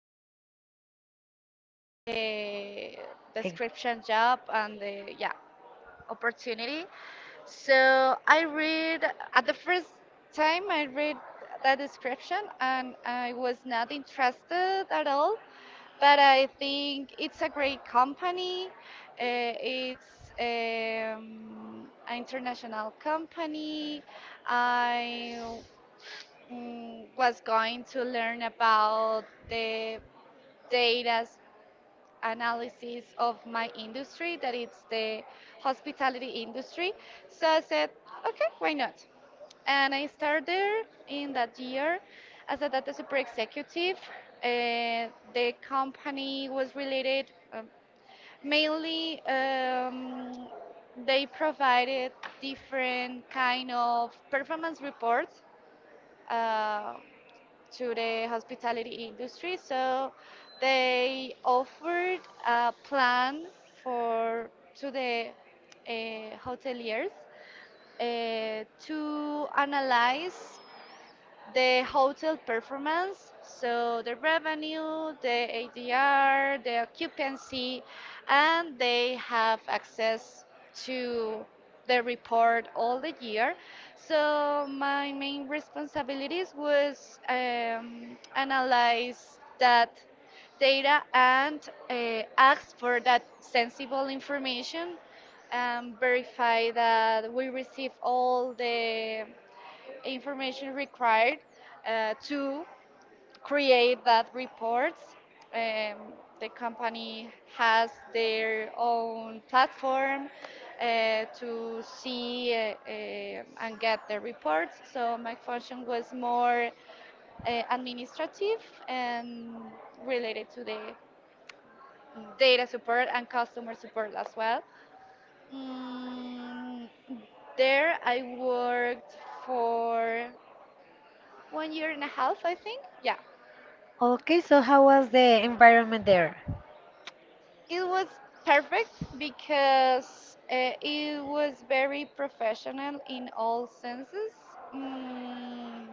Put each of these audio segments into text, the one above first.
the a Hey. description job and the opportunity. So I read at the first time I read that description and I was not interested at all. But I think it's a great company. It's an international company. I was going to learn about the data analysis of my industry, that it's the hospitality industry. So I said, okay, why not? And I started there in that year as a data super executive. Uh, the company was related mainly they provided different kind of performance reports uh, to the hospitality industry. So they offered a plan for to the hoteliers to analyze the hotel performance, so the revenue, the ADR, the occupancy, and they have access to the report all the year. So my main responsibilities was analyze that data and ask for that sensible information and verify that we receive all the information required to create that reports. Um, the company has their own platform to see and get the reports. So my function was more administrative and related to the data support and customer support as well. Mm, there I worked for 1 year and a half, I think. Yeah, Okay, so how was the environment there? it was perfect because it was very professional in all senses. Mm,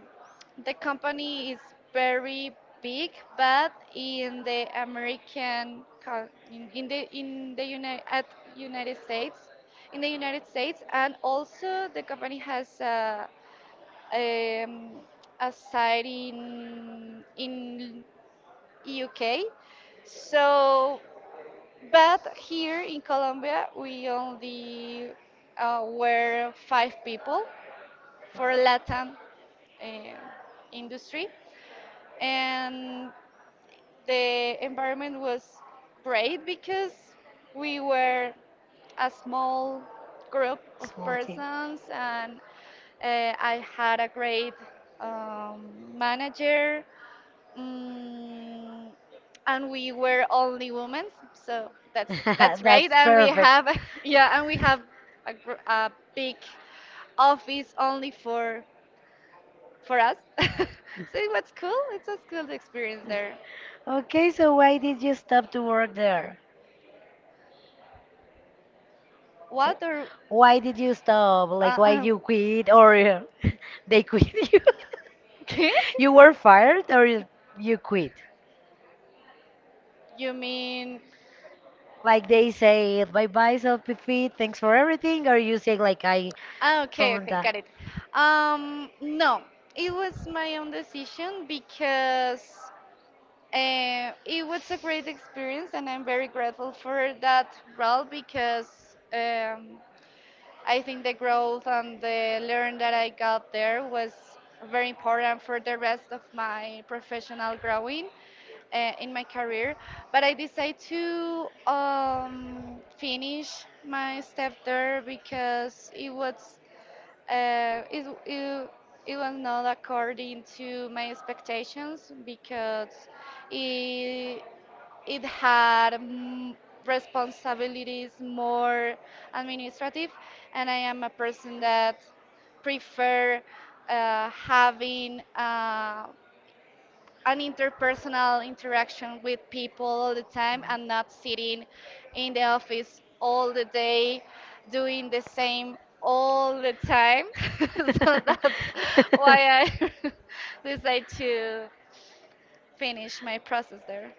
the company is very big, but in the American, con- in the United at United States, and also the company has um, a site in UK. So, but here in Colombia, we only were five people for Latin uh, industry, and the environment was great because we were a small group of Small team. persons, and I had a great um, manager. Mm, and we were only women, so that's That's That's right. And we perfect. have yeah, and we have a big office only for us. So it was cool. It was cool to experience there. Okay, so why did you stop to work there? What or Why did you stop? Like, uh, why uh, you quit or they quit you? okay? You were fired or you quit? You mean Like they say, bye bye, self feet, thanks for everything, or you say like I ah, ah, okay, found okay, that. got it. No, it was my own decision because it was a great experience, and I'm very grateful for that role because I think the growth and the learn that I got there was very important for the rest of my professional growing in my career. But I decided to finish my step there because uh, it, it, it was not according to my expectations because it, it had responsibilities more administrative, and I am a person that prefer having an interpersonal interaction with people all the time and not sitting in the office all the day doing the same all the time. So that's why I decided to finish my process there.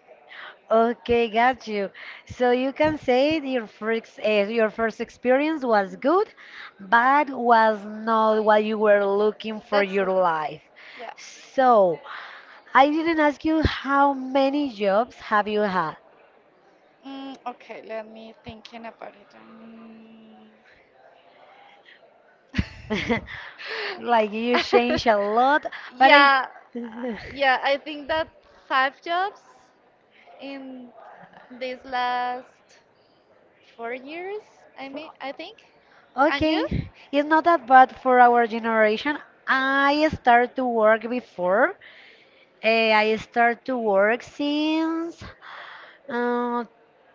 Okay, got you. So you can say that your first experience was good, but was not what you were looking for That's your it. life. Yeah. So I didn't ask you how many jobs have you had. Okay, let me thinking about it. Mm. Like you change a lot, but I. yeah, uh, yeah. I think that five jobs in these last 4 years, I mean, I think. And you? Okay, it's not that bad for our generation. I started to work before. Eh, I start to work since uh,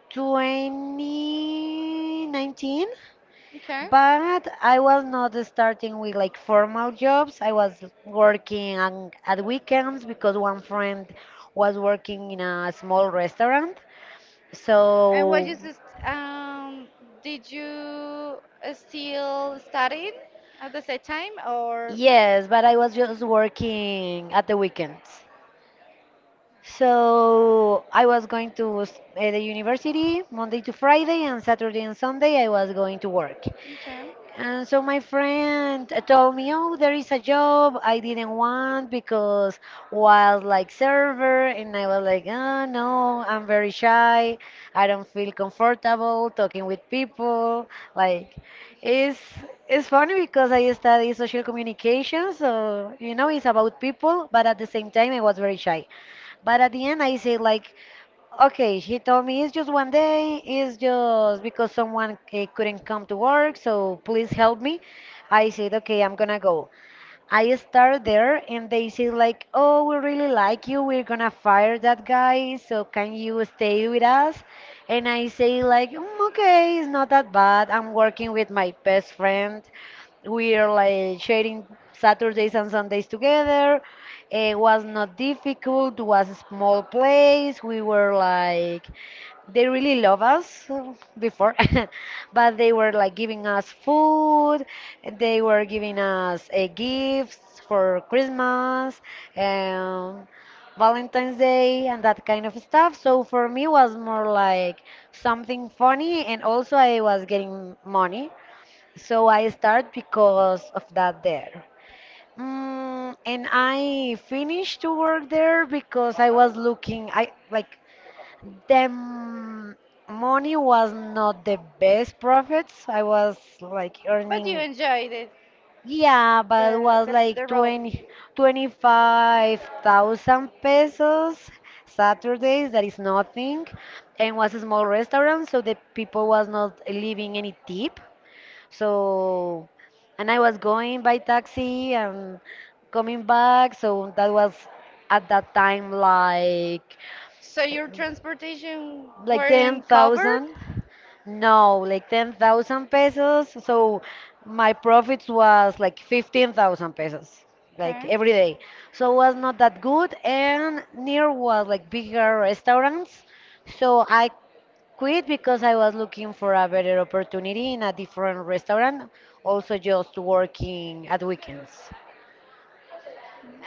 2019, Okay. but I was not starting with like formal jobs. I was working on, at weekends because one friend was working in a small restaurant. And what So, you just um did you still studying at the same time or yes, but I was just working at the weekends. So I was going to the university Monday to Friday, and Saturday and Sunday I was going to work. okay. And so my friend told me, "Oh, there is a job I didn't want because was like server," and I was like, "Oh no, I'm very shy. I don't feel comfortable talking with people." Like, it's it's funny because I study social communication, so you know it's about people, but at the same time I was very shy. But at the end, I say like, okay, he told me it's just one day, it's just because someone eh, couldn't come to work, so please help me. I said, okay, I'm gonna go. I start there and they say like, "Oh, we really like you. We're gonna fire that guy, so can you stay with us?" And I say like, "Mm, okay, it's not that bad. I'm working with my best friend. We're like sharing Saturdays and Sundays together." It was not difficult. It was a small place. We were like they really love us before but they were like giving us food, they were giving us gifts for Christmas and Valentine's Day and that kind of stuff. So for me was more like something funny and also I was getting money. So I start because of that there. Mm, and I finished to work there because I was looking, I like them, money was not the best profits. I was like But you earning enjoyed it. yeah, but it was like The road. 20 25,000 pesos Saturdays, that is nothing. And was a small restaurant, so the people was not leaving any tip. So, and I was going by taxi and coming back, so that was at that time So your transportation like weren't covered? 10,000. No, like 10,000 pesos. So my profits was like 15,000 pesos, like Okay. every day. So it was not that good. And near was like bigger restaurants. So I quit because I was looking for a better opportunity in a different restaurant, also just working at weekends.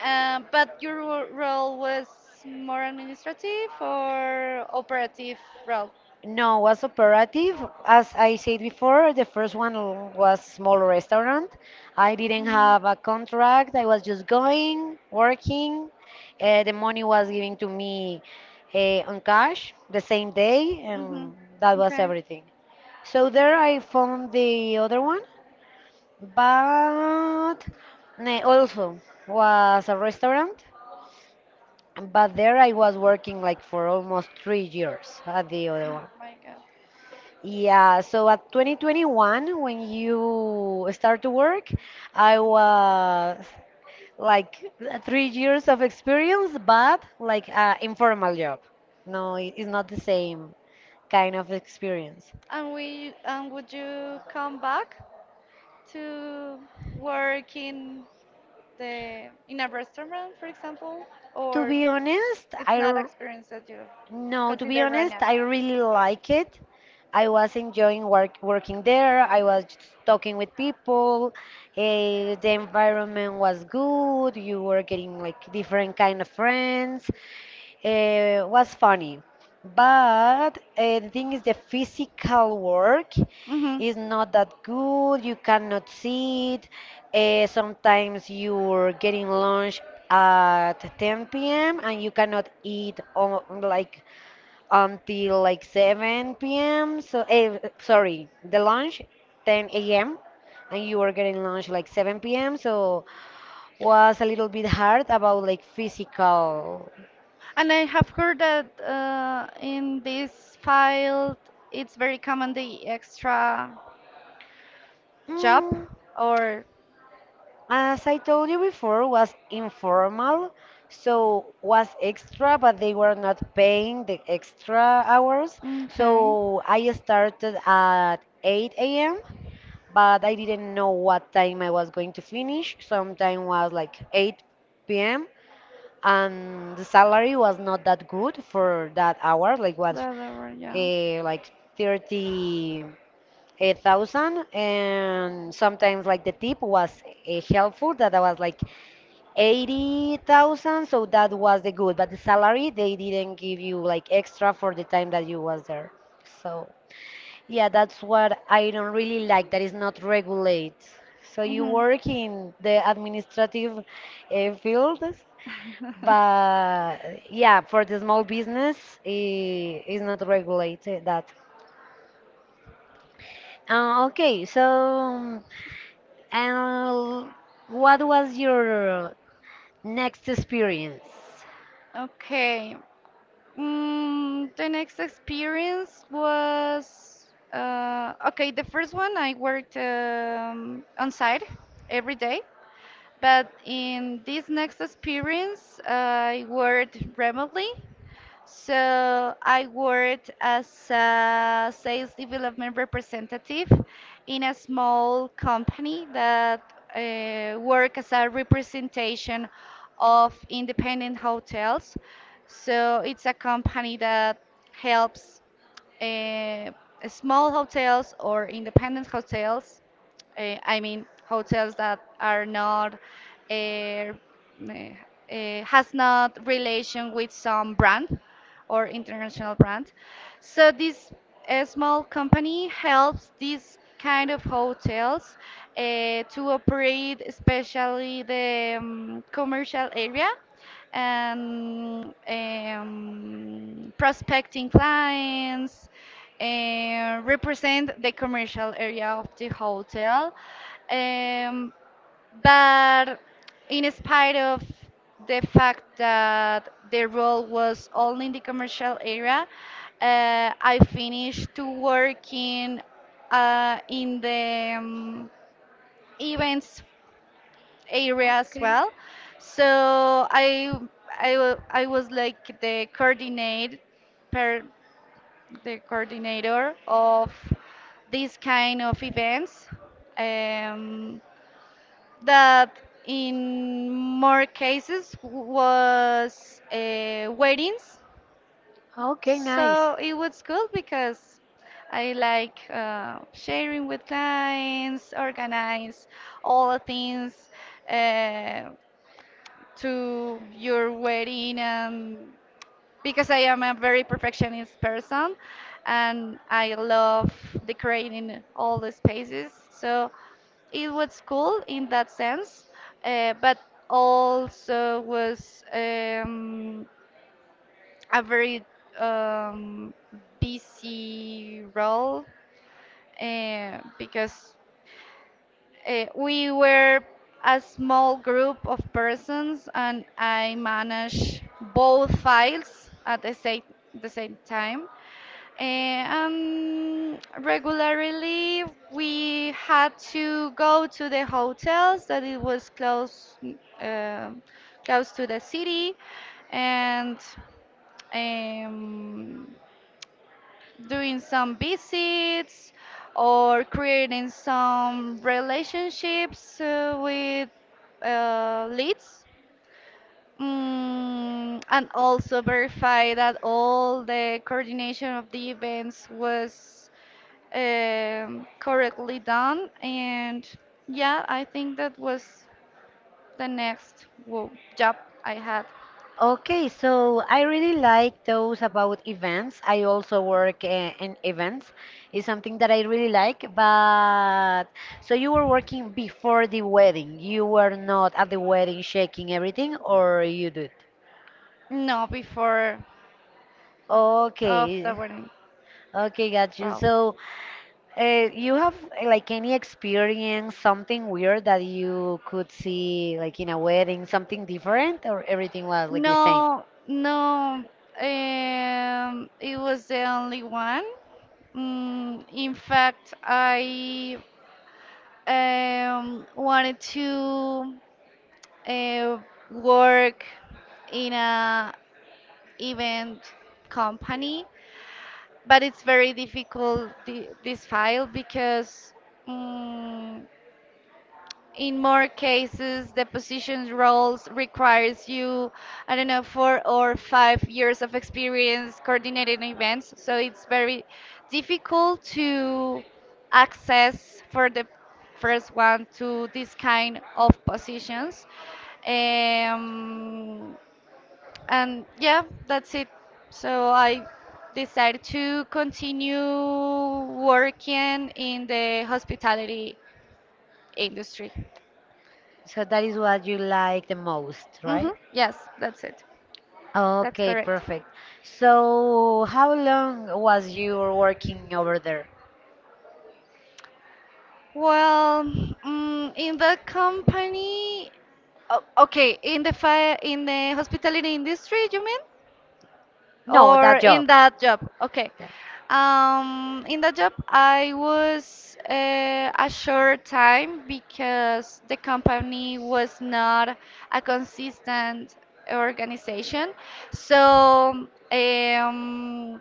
But your role was more administrative or operative role? No, was operative. As I said before, the first one was small restaurant. I didn't Mhm. have a contract. I was just going, working. The money was given to me on cash the same day, Mhm. and that was Okay. everything. So there I found the other one, but also was a restaurant. But there I was working like for almost three years at the other one. My God. Yeah, so at 2021, when you start to work, I was like three years of experience, but like informal job. No, it's not the same kind of experience. And would you come back to work in the in a restaurant, for example, To or? be honest, It's not experience that you no, to be consider right honest, now. I really like it. I was enjoying working there. I was talking with people. Eh, the environment was good. You were getting like different kind of friends. Eh, it was funny. But the thing is, the physical work Hmm. is not that good. You cannot sit. Sometimes you're getting lunch at 10 p.m. and you cannot eat on, like until like 7 p.m. So, eh, sorry, the lunch 10 a.m. and you were getting lunch like 7 p.m. So was a little bit hard about like physical. And I have heard that in this field, it's very common the extra job Mm, or as I told you before, was informal, so was extra, but they were not paying the extra hours. okay. So I started at 8 a.m. but I didn't know what time I was going to finish. Sometime was like 8 p.m. and the salary was not that good for that hour. Like was That, that right, yeah. Like 38,000 and sometimes like the tip was helpful, that was like 80,000, so that was the good, but the salary they didn't give you like extra for the time that you was there. So yeah, that's what I don't really like, that is not regulate. So you Mm-hmm. work in the administrative field, but yeah, for the small business, it is not regulated that. Okay, so and what was your next experience? Okay. The next experience was okay. The first one I worked on site every day, but in this next experience I worked remotely. So I worked as a sales development representative in a small company that work as a representation of independent hotels. So it's a company that helps uh, small hotels or independent hotels I mean hotels that are not uh, meh, has not relation with some brand or international brand. So this small company helps these kind of hotels to operate, especially the commercial area and prospecting clients represent the commercial area of the hotel. Um, but in spite of the fact that the role was only in the commercial area, I finished to working in the events area as well. So I, I was like the coordinator of these kind of events um, that in more cases was weddings. Okay, nice. So it was good because I like sharing with clients, organize all the things uh, to your wedding, and because I am a very perfectionist person and I love decorating all the spaces. So it was cool in that sense, but also was a very um, busy role because we were a small group of persons and I managed both files at the same time. Regularly, we had to go to the hotels that it was close, close to the city, and um, doing some visits or creating some relationships with leads. Mm, and also verify that all the coordination of the events was correctly done. And yeah, I think that was the next job I had. Okay, so I really like those about events. I also work in events. It's something that I really like. But so you were working before the wedding. You were not at the wedding checking everything, or you did? No, before of the Okay, wedding, okay, got you. Ralph. So, you have like any experience, something weird that you could see like in a wedding, something different, or everything was like the same? No, no. It was the only one. Mm, in fact, I wanted to uh, work in a event company, but it's very difficult this file because mm, in more cases the positions roles requires you, I don't know, 4 or 5 years of experience coordinating events, so it's very difficult to access for the first one to this kind of positions. Um, and yeah, that's it. So I decided to continue working in the hospitality industry. So that is what you like the most, Mm-hmm. right? Yes, that's it. That's Okay, correct. perfect. So, how long was you working over there? Well, mm, in the company, okay, in the fire, in the hospitality industry, you mean? No, Or that in job. That- that job. Okay. In that job, I was a short time because the company was not a consistent organization. So um,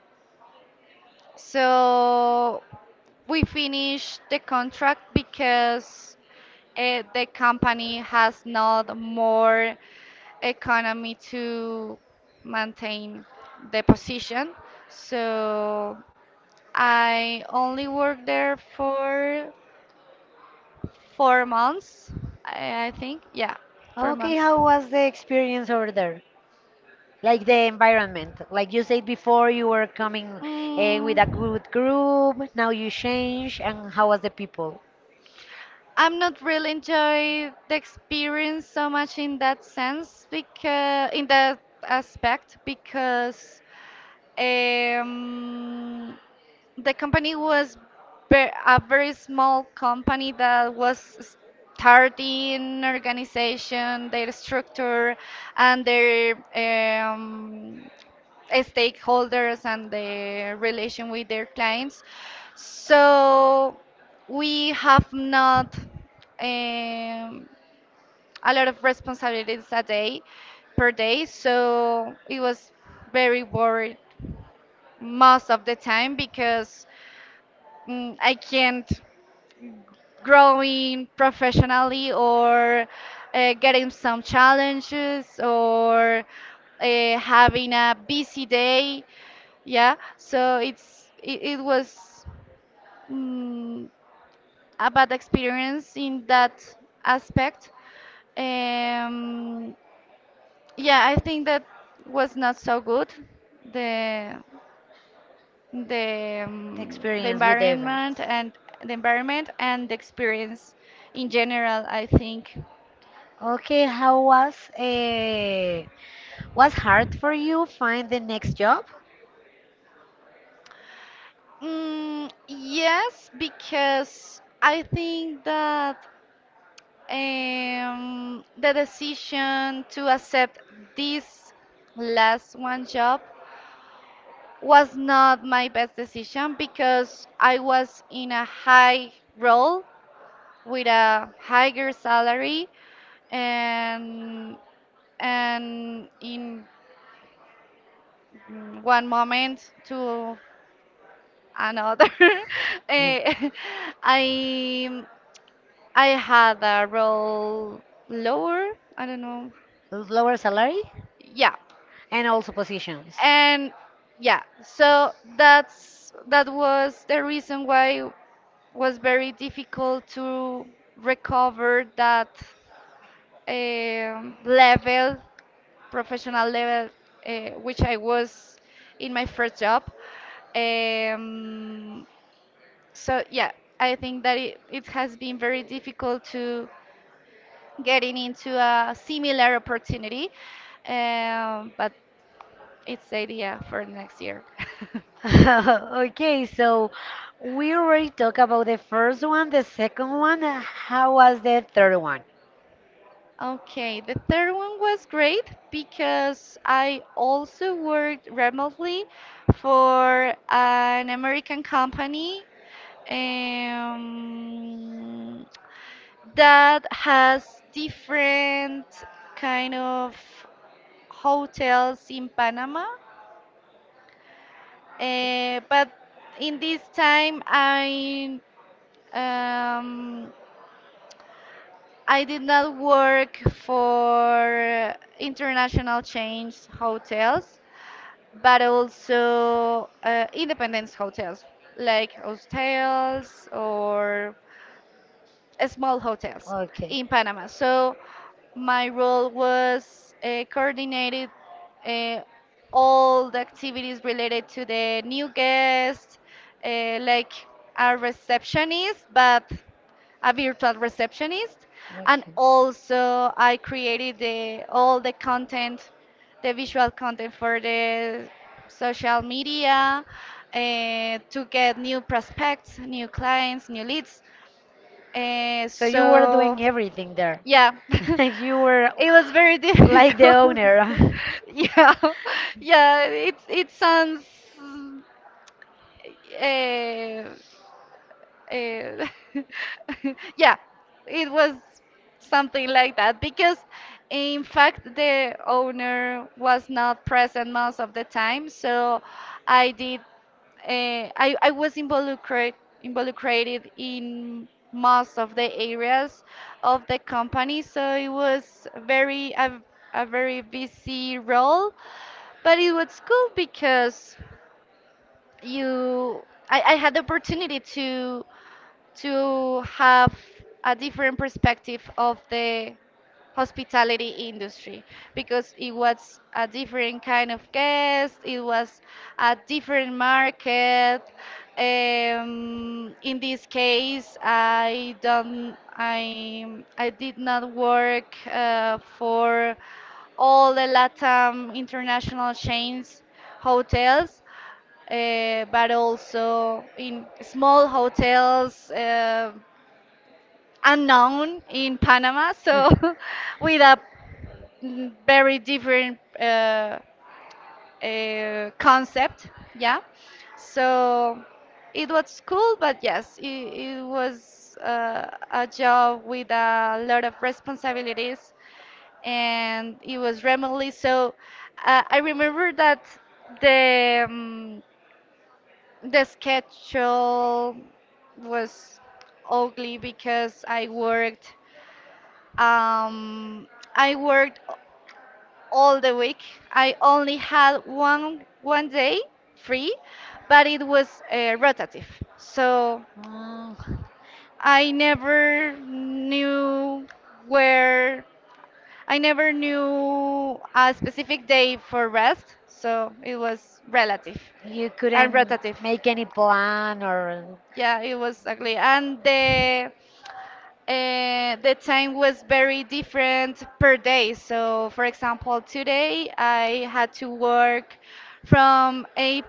so we finished the contract because the company has not more economy to maintain the position. So I only worked there for 4 months, I think. Yeah, four Okay, months. how was the experience over there? Like the environment. Like you said before, you were coming with a Mm, good group, now you change, and how was the people? I'm not really enjoy the experience so much in that sense, because in that aspect, because um, the company was a very small company that was starting organization, their structure, and their stakeholders and the relation with their clients. So we have not um, a lot of responsibilities a day per day. So it was very worried most of the time because mm, I can't growing professionally or getting some challenges or having a busy day. Yeah, so it was mm, a bad experience in that aspect. Um, yeah, I think that was not so good. The The the experience with the environment events. and the experience in general, I think. Okay, how was uh, was hard for you find the next job? Mm, yes, because I think that the decision to accept this last one job was not my best decision because I was in a high role with a higher salary and in mm, one moment to another. Mm. Eh, I I had a roll lower. I don't know. With lower salary Yeah, and also positions. and yeah. So that's that was the reason why it was very difficult to recover that level, professional level, which I was in my first job. Um, So yeah, I think that it has been very difficult to getting into a similar opportunity, but it's the idea for next year. Okay, so we already talked about the first one, the second one. How was the third one? Okay, the third one was great because I also worked remotely for an American company um, that has different kind of hotels in Panama. But in this time, um, I did not work for international chains hotels, but also independence hotels like hostels or small hotels Okay. Okay. in Panama. So my role was coordinated uh, all the activities related to the new guests, like a receptionist, but a virtual receptionist, and also I created the all the content, the visual content for the social media uh, to get new prospects, new clients, new leads. So you were So doing everything there. yeah, You were it was very like the difficult. owner. Yeah, yeah. It sounds. Uh, uh, yeah, it was something like that because, in fact, the owner was not present most of the time. So I did. I was involucrated in most of the areas of the company. So it was a very busy role, but it was cool because you I had the opportunity to have a different perspective of the hospitality industry because it was a different kind of guest, it was a different market. In this case, I don't, I did not work for all the LATAM international chains hotels, but also in small hotels unknown in Panama. So with a very different concept. Yeah. So it was cool, but yes, it was a job with a lot of responsibilities and it was remotely. So I remember that the, um, the schedule was ugly because I worked. Um, I worked all the week. I only had one day free, but it was rotative. So Mm, I never knew where I never knew a specific day for rest, so it was relative you and couldn't rotative. make any plan, or Yeah, it was ugly. And the The time was very different per day. So, for example, today I had to work from 8,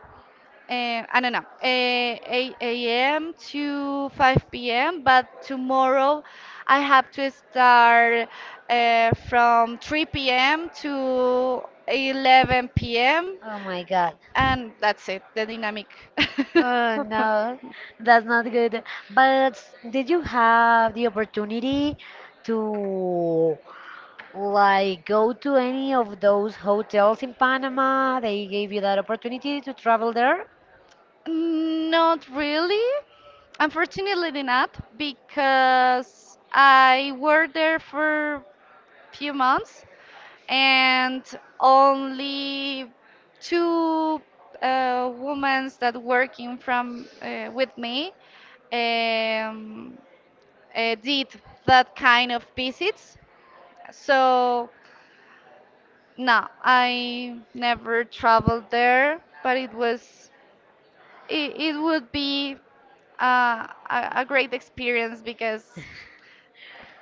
I don't know, 8 a.m. to 5 p.m., but tomorrow I have to start from 3 p.m. to 11 p.m., oh my God. and that's it, the dynamic. Oh no, that's not good. But did you have the opportunity to like go to any of those hotels in Panama? They gave you that opportunity to travel there? Not really. Unfortunately not, because I worked there for few months and only two women that working from with me um, did that kind of visits. So no, I never traveled there, but it was it would be a, a great experience because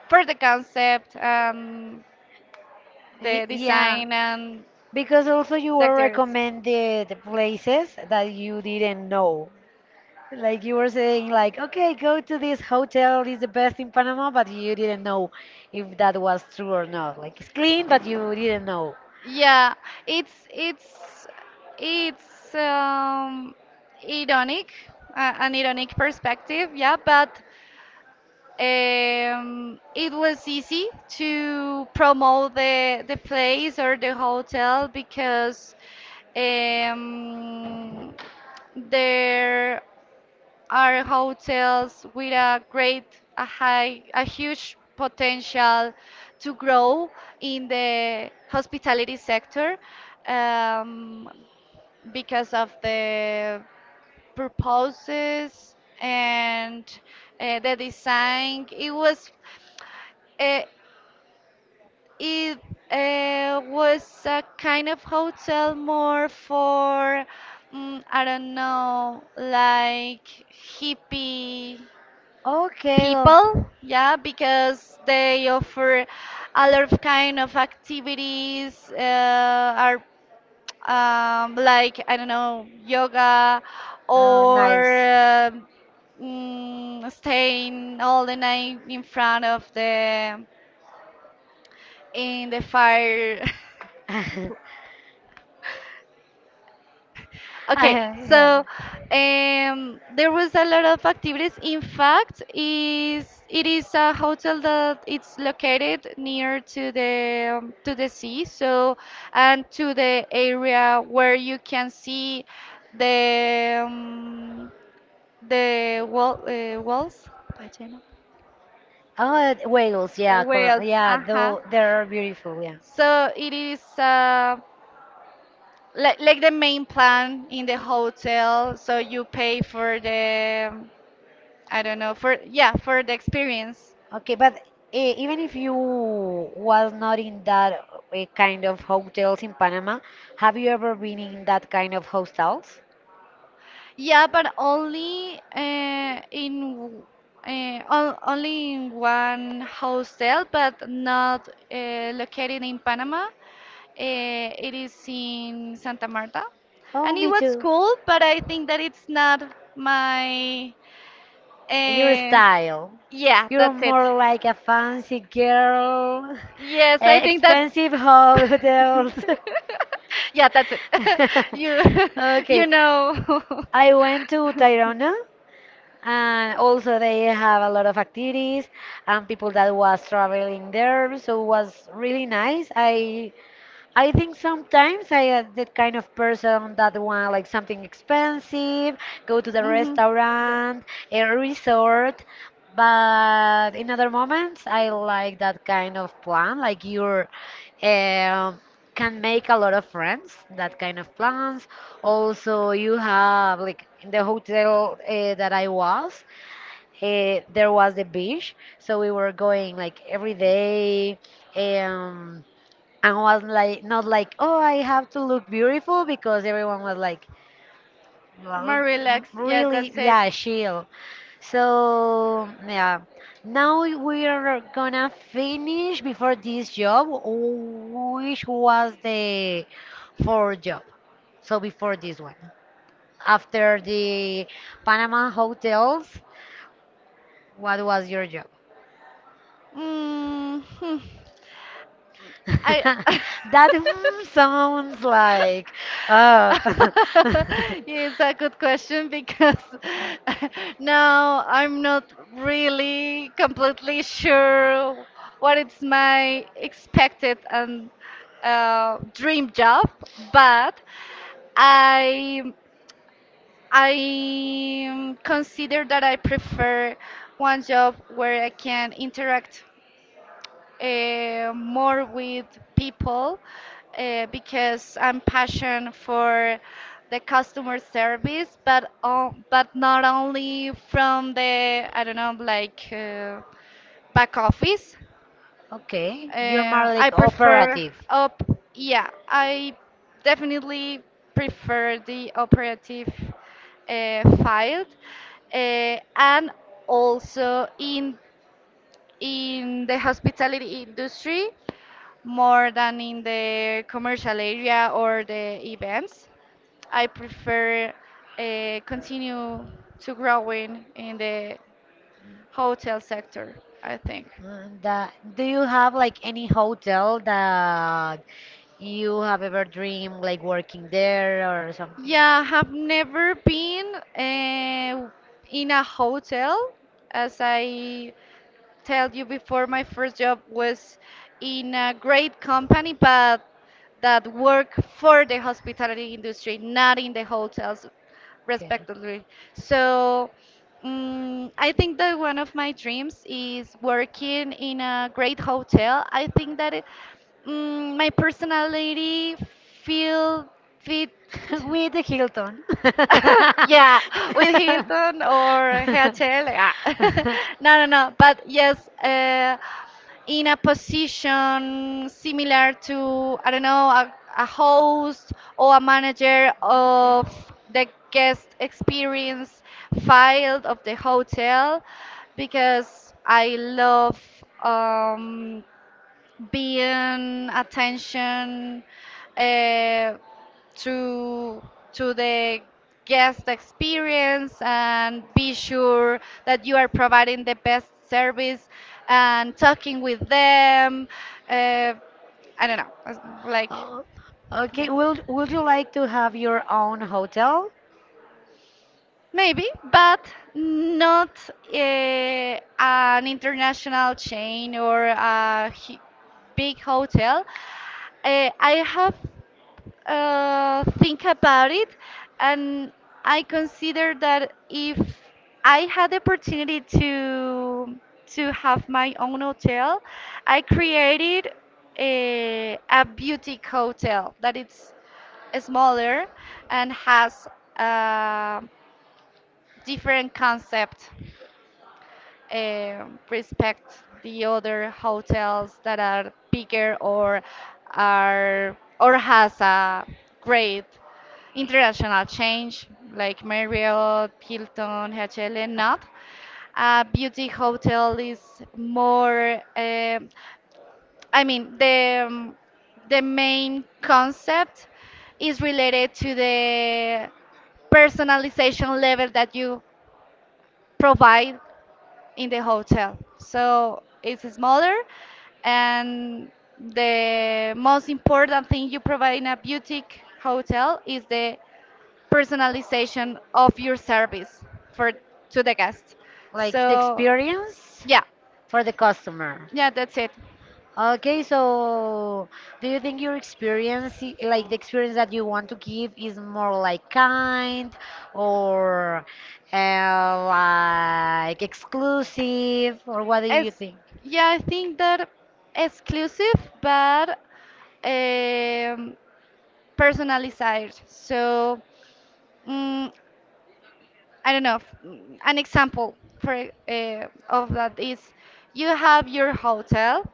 for the concept and the Y- yeah, design and because also you the were actors. recommended places that you didn't know. Like you were saying, like, okay, go to this hotel, it's the best in Panama, but you didn't know if that was true or not. Like it's clean, but you didn't know. Yeah, it's it's it's ironic, an ironic perspective. Yeah, but it was easy to promote the place or the hotel because um, there are hotels with a high, a huge potential to grow in the hospitality sector, um, because of the purposes and the design. Uh, it was a kind of hotel more for I don't know, like hippie Okay. Oh, people, yeah, because they offer a lot of kind of activities are like I don't know yoga oh, or nice. Staying all the night in front of the fire. I Okay, yeah. so there was a lot of activities. In fact, is a hotel that it's located near to the sea, so and to the area where you can see the walls, Ballena. Oh, whales. The Yeah, cor whales. yeah. Uh-huh. Though they are beautiful. Yeah. So it is like the main plan in the hotel. So you pay for the I don't know, for yeah for the experience. Okay, but eh, even if you was not in that eh, kind of hotels in Panama, have you ever been in that kind of hostels? Yeah, but only only in one hostel, but not located in Panama. It is in Santa Marta, Oh, and it me was too. cool, but I think that it's not my. Your Uh, style. yeah, You're that's it. more like a fancy girl. Yes, I Eh, think that. expensive hotels. Yeah, that's it. you you Okay, know. I went to Tayrona and also they have a lot of activities and people that was traveling there, so it was really nice. I think sometimes I am the kind of person that want like something expensive, go to the Hmm. restaurant, a resort, but in other moments I like that kind of plan, like you're um, can make a lot of friends, that kind of plans. Also, you have like in the hotel that I was, there was the beach, so we were going like every day. Um, and was like not like oh I have to look beautiful because everyone was like well, More relaxed. Yeah, really that's it. yeah chill. So yeah, now we are gonna finish before this job which was the fourth job. So before this one, after the Panama hotels, what was your job? Mm, hmm. I. That mm, sounds like uh Yeah, it's a good question because now I'm not really completely sure what is my expected and dream job, but I I consider that I prefer one job where I can interact more with people because I'm passionate for the customer service, but but not only from the I don't know like back office. okay, you're more I like prefer operative. up. Yeah, I definitely prefer the operative file, and also in the hospitality industry more than in the commercial area or the events. I prefer continue to growing in the hotel sector. I think. Mm, that, do you have like any hotel that you have ever dreamed like working there or something? Yeah, have never been in a hotel. As I told you before, my first job was in a great company, but that work for the hospitality industry, not in the hotels, Okay. respectively. So, I think that one of my dreams is working in a great hotel. I think that my personality feel fit. With the Hilton. Yeah, with Hilton or HL. Yeah. No, no, no. But yes, in a position similar to, I don't know, a host or a manager Okay. of the guest experience field of the hotel, because I love. Um, Being attention uh, to to the guest experience and be sure that you are providing the best service and talking with them, uh, I don't know, like Oh, okay. yeah. Would you like to have your own hotel? Maybe, but not an international chain or a big hotel. I have think about it, and I consider that if I had the opportunity to have my own hotel, I created a boutique hotel that it's smaller and has uh, different concept, respect the other hotels that are bigger or are or has a great international change like Marriott, Hilton, HLN, not. A beauty hotel is more. I mean the main concept is related to the personalization level that you provide in the hotel. So it's smaller, and the most important thing you provide in a boutique hotel is the personalization of your service for to the guest. Like the So experience yeah, for the customer. yeah, that's it. Okay, so do you think your experience, like the experience that you want to give, is more like kind or uh, like exclusive, or what do you It's, think? yeah, I think that exclusive, but um, personalized. So mm I don't know, an example for of that is you have your hotel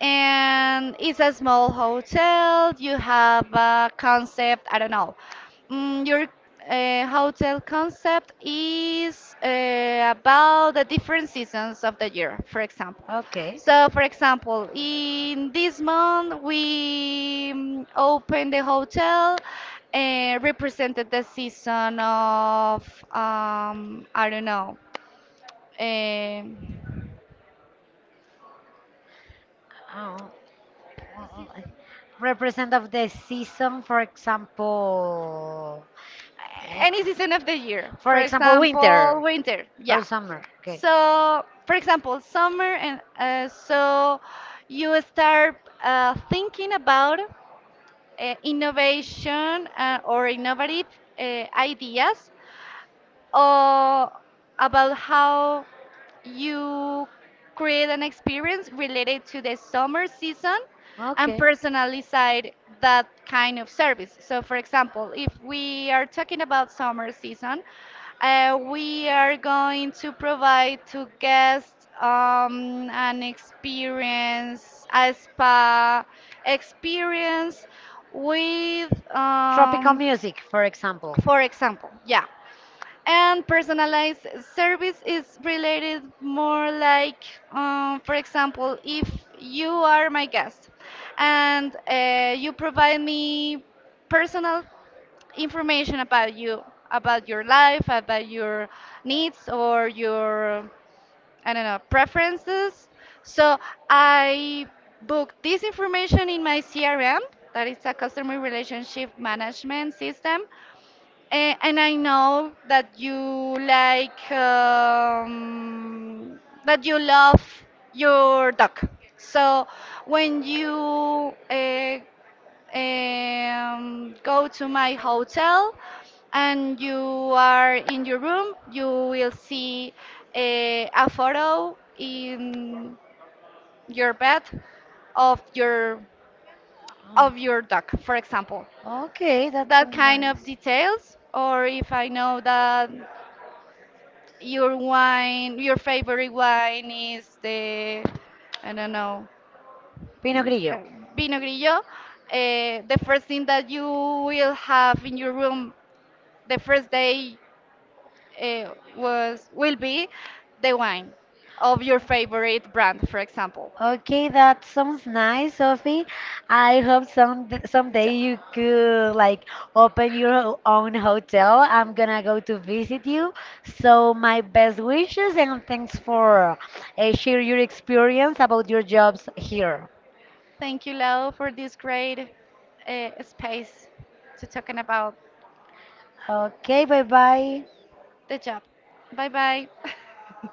and it's a small hotel. You have a concept. I don't know. Your hotel concept is about the different seasons of the year, for example. Okay. So, for example, in this month we opened the hotel and represented the season of I don't know. Um, Oh, well, represent of the season, for example. Eh, any season of the year. for For example, example, winter winter. or Yeah. summer. Okay. So, for example, summer, and so you start thinking about innovation, or innovative ideas, or about how you create an experience related to the summer season and Okay. personalize that kind of service. So, for example, if we are talking about summer season, we are going to provide to guests an experience, a spa experience with, Tropical music, for example. for example, yeah. And personalized service is related more like, for example, if you are my guest and you provide me personal information about you, about your life, about your needs or your, I don't know, preferences. So I book this information in my CRM, that is a customer relationship management system, and I know that you like, that you love your dog. So when you go to my hotel and you are in your room, you will see a photo in your bed of your Oh, of your dog, for example. okay, that That sounds kind of nice. details, or if I know that your wine, your favorite wine is the, I don't know, Pinot in Grillo. ca- Vino Grillo. The first thing that you will have in your room the first day, was will be the wine of your favorite brand, for example. Okay, that sounds nice, Sophie. I hope some someday you could like open your own hotel. I'm gonna go to visit you. So my best wishes and thanks for share your experience about your jobs here. Thank you, Lau, for this great space to talking about Okay, bye bye. the job. Bye bye.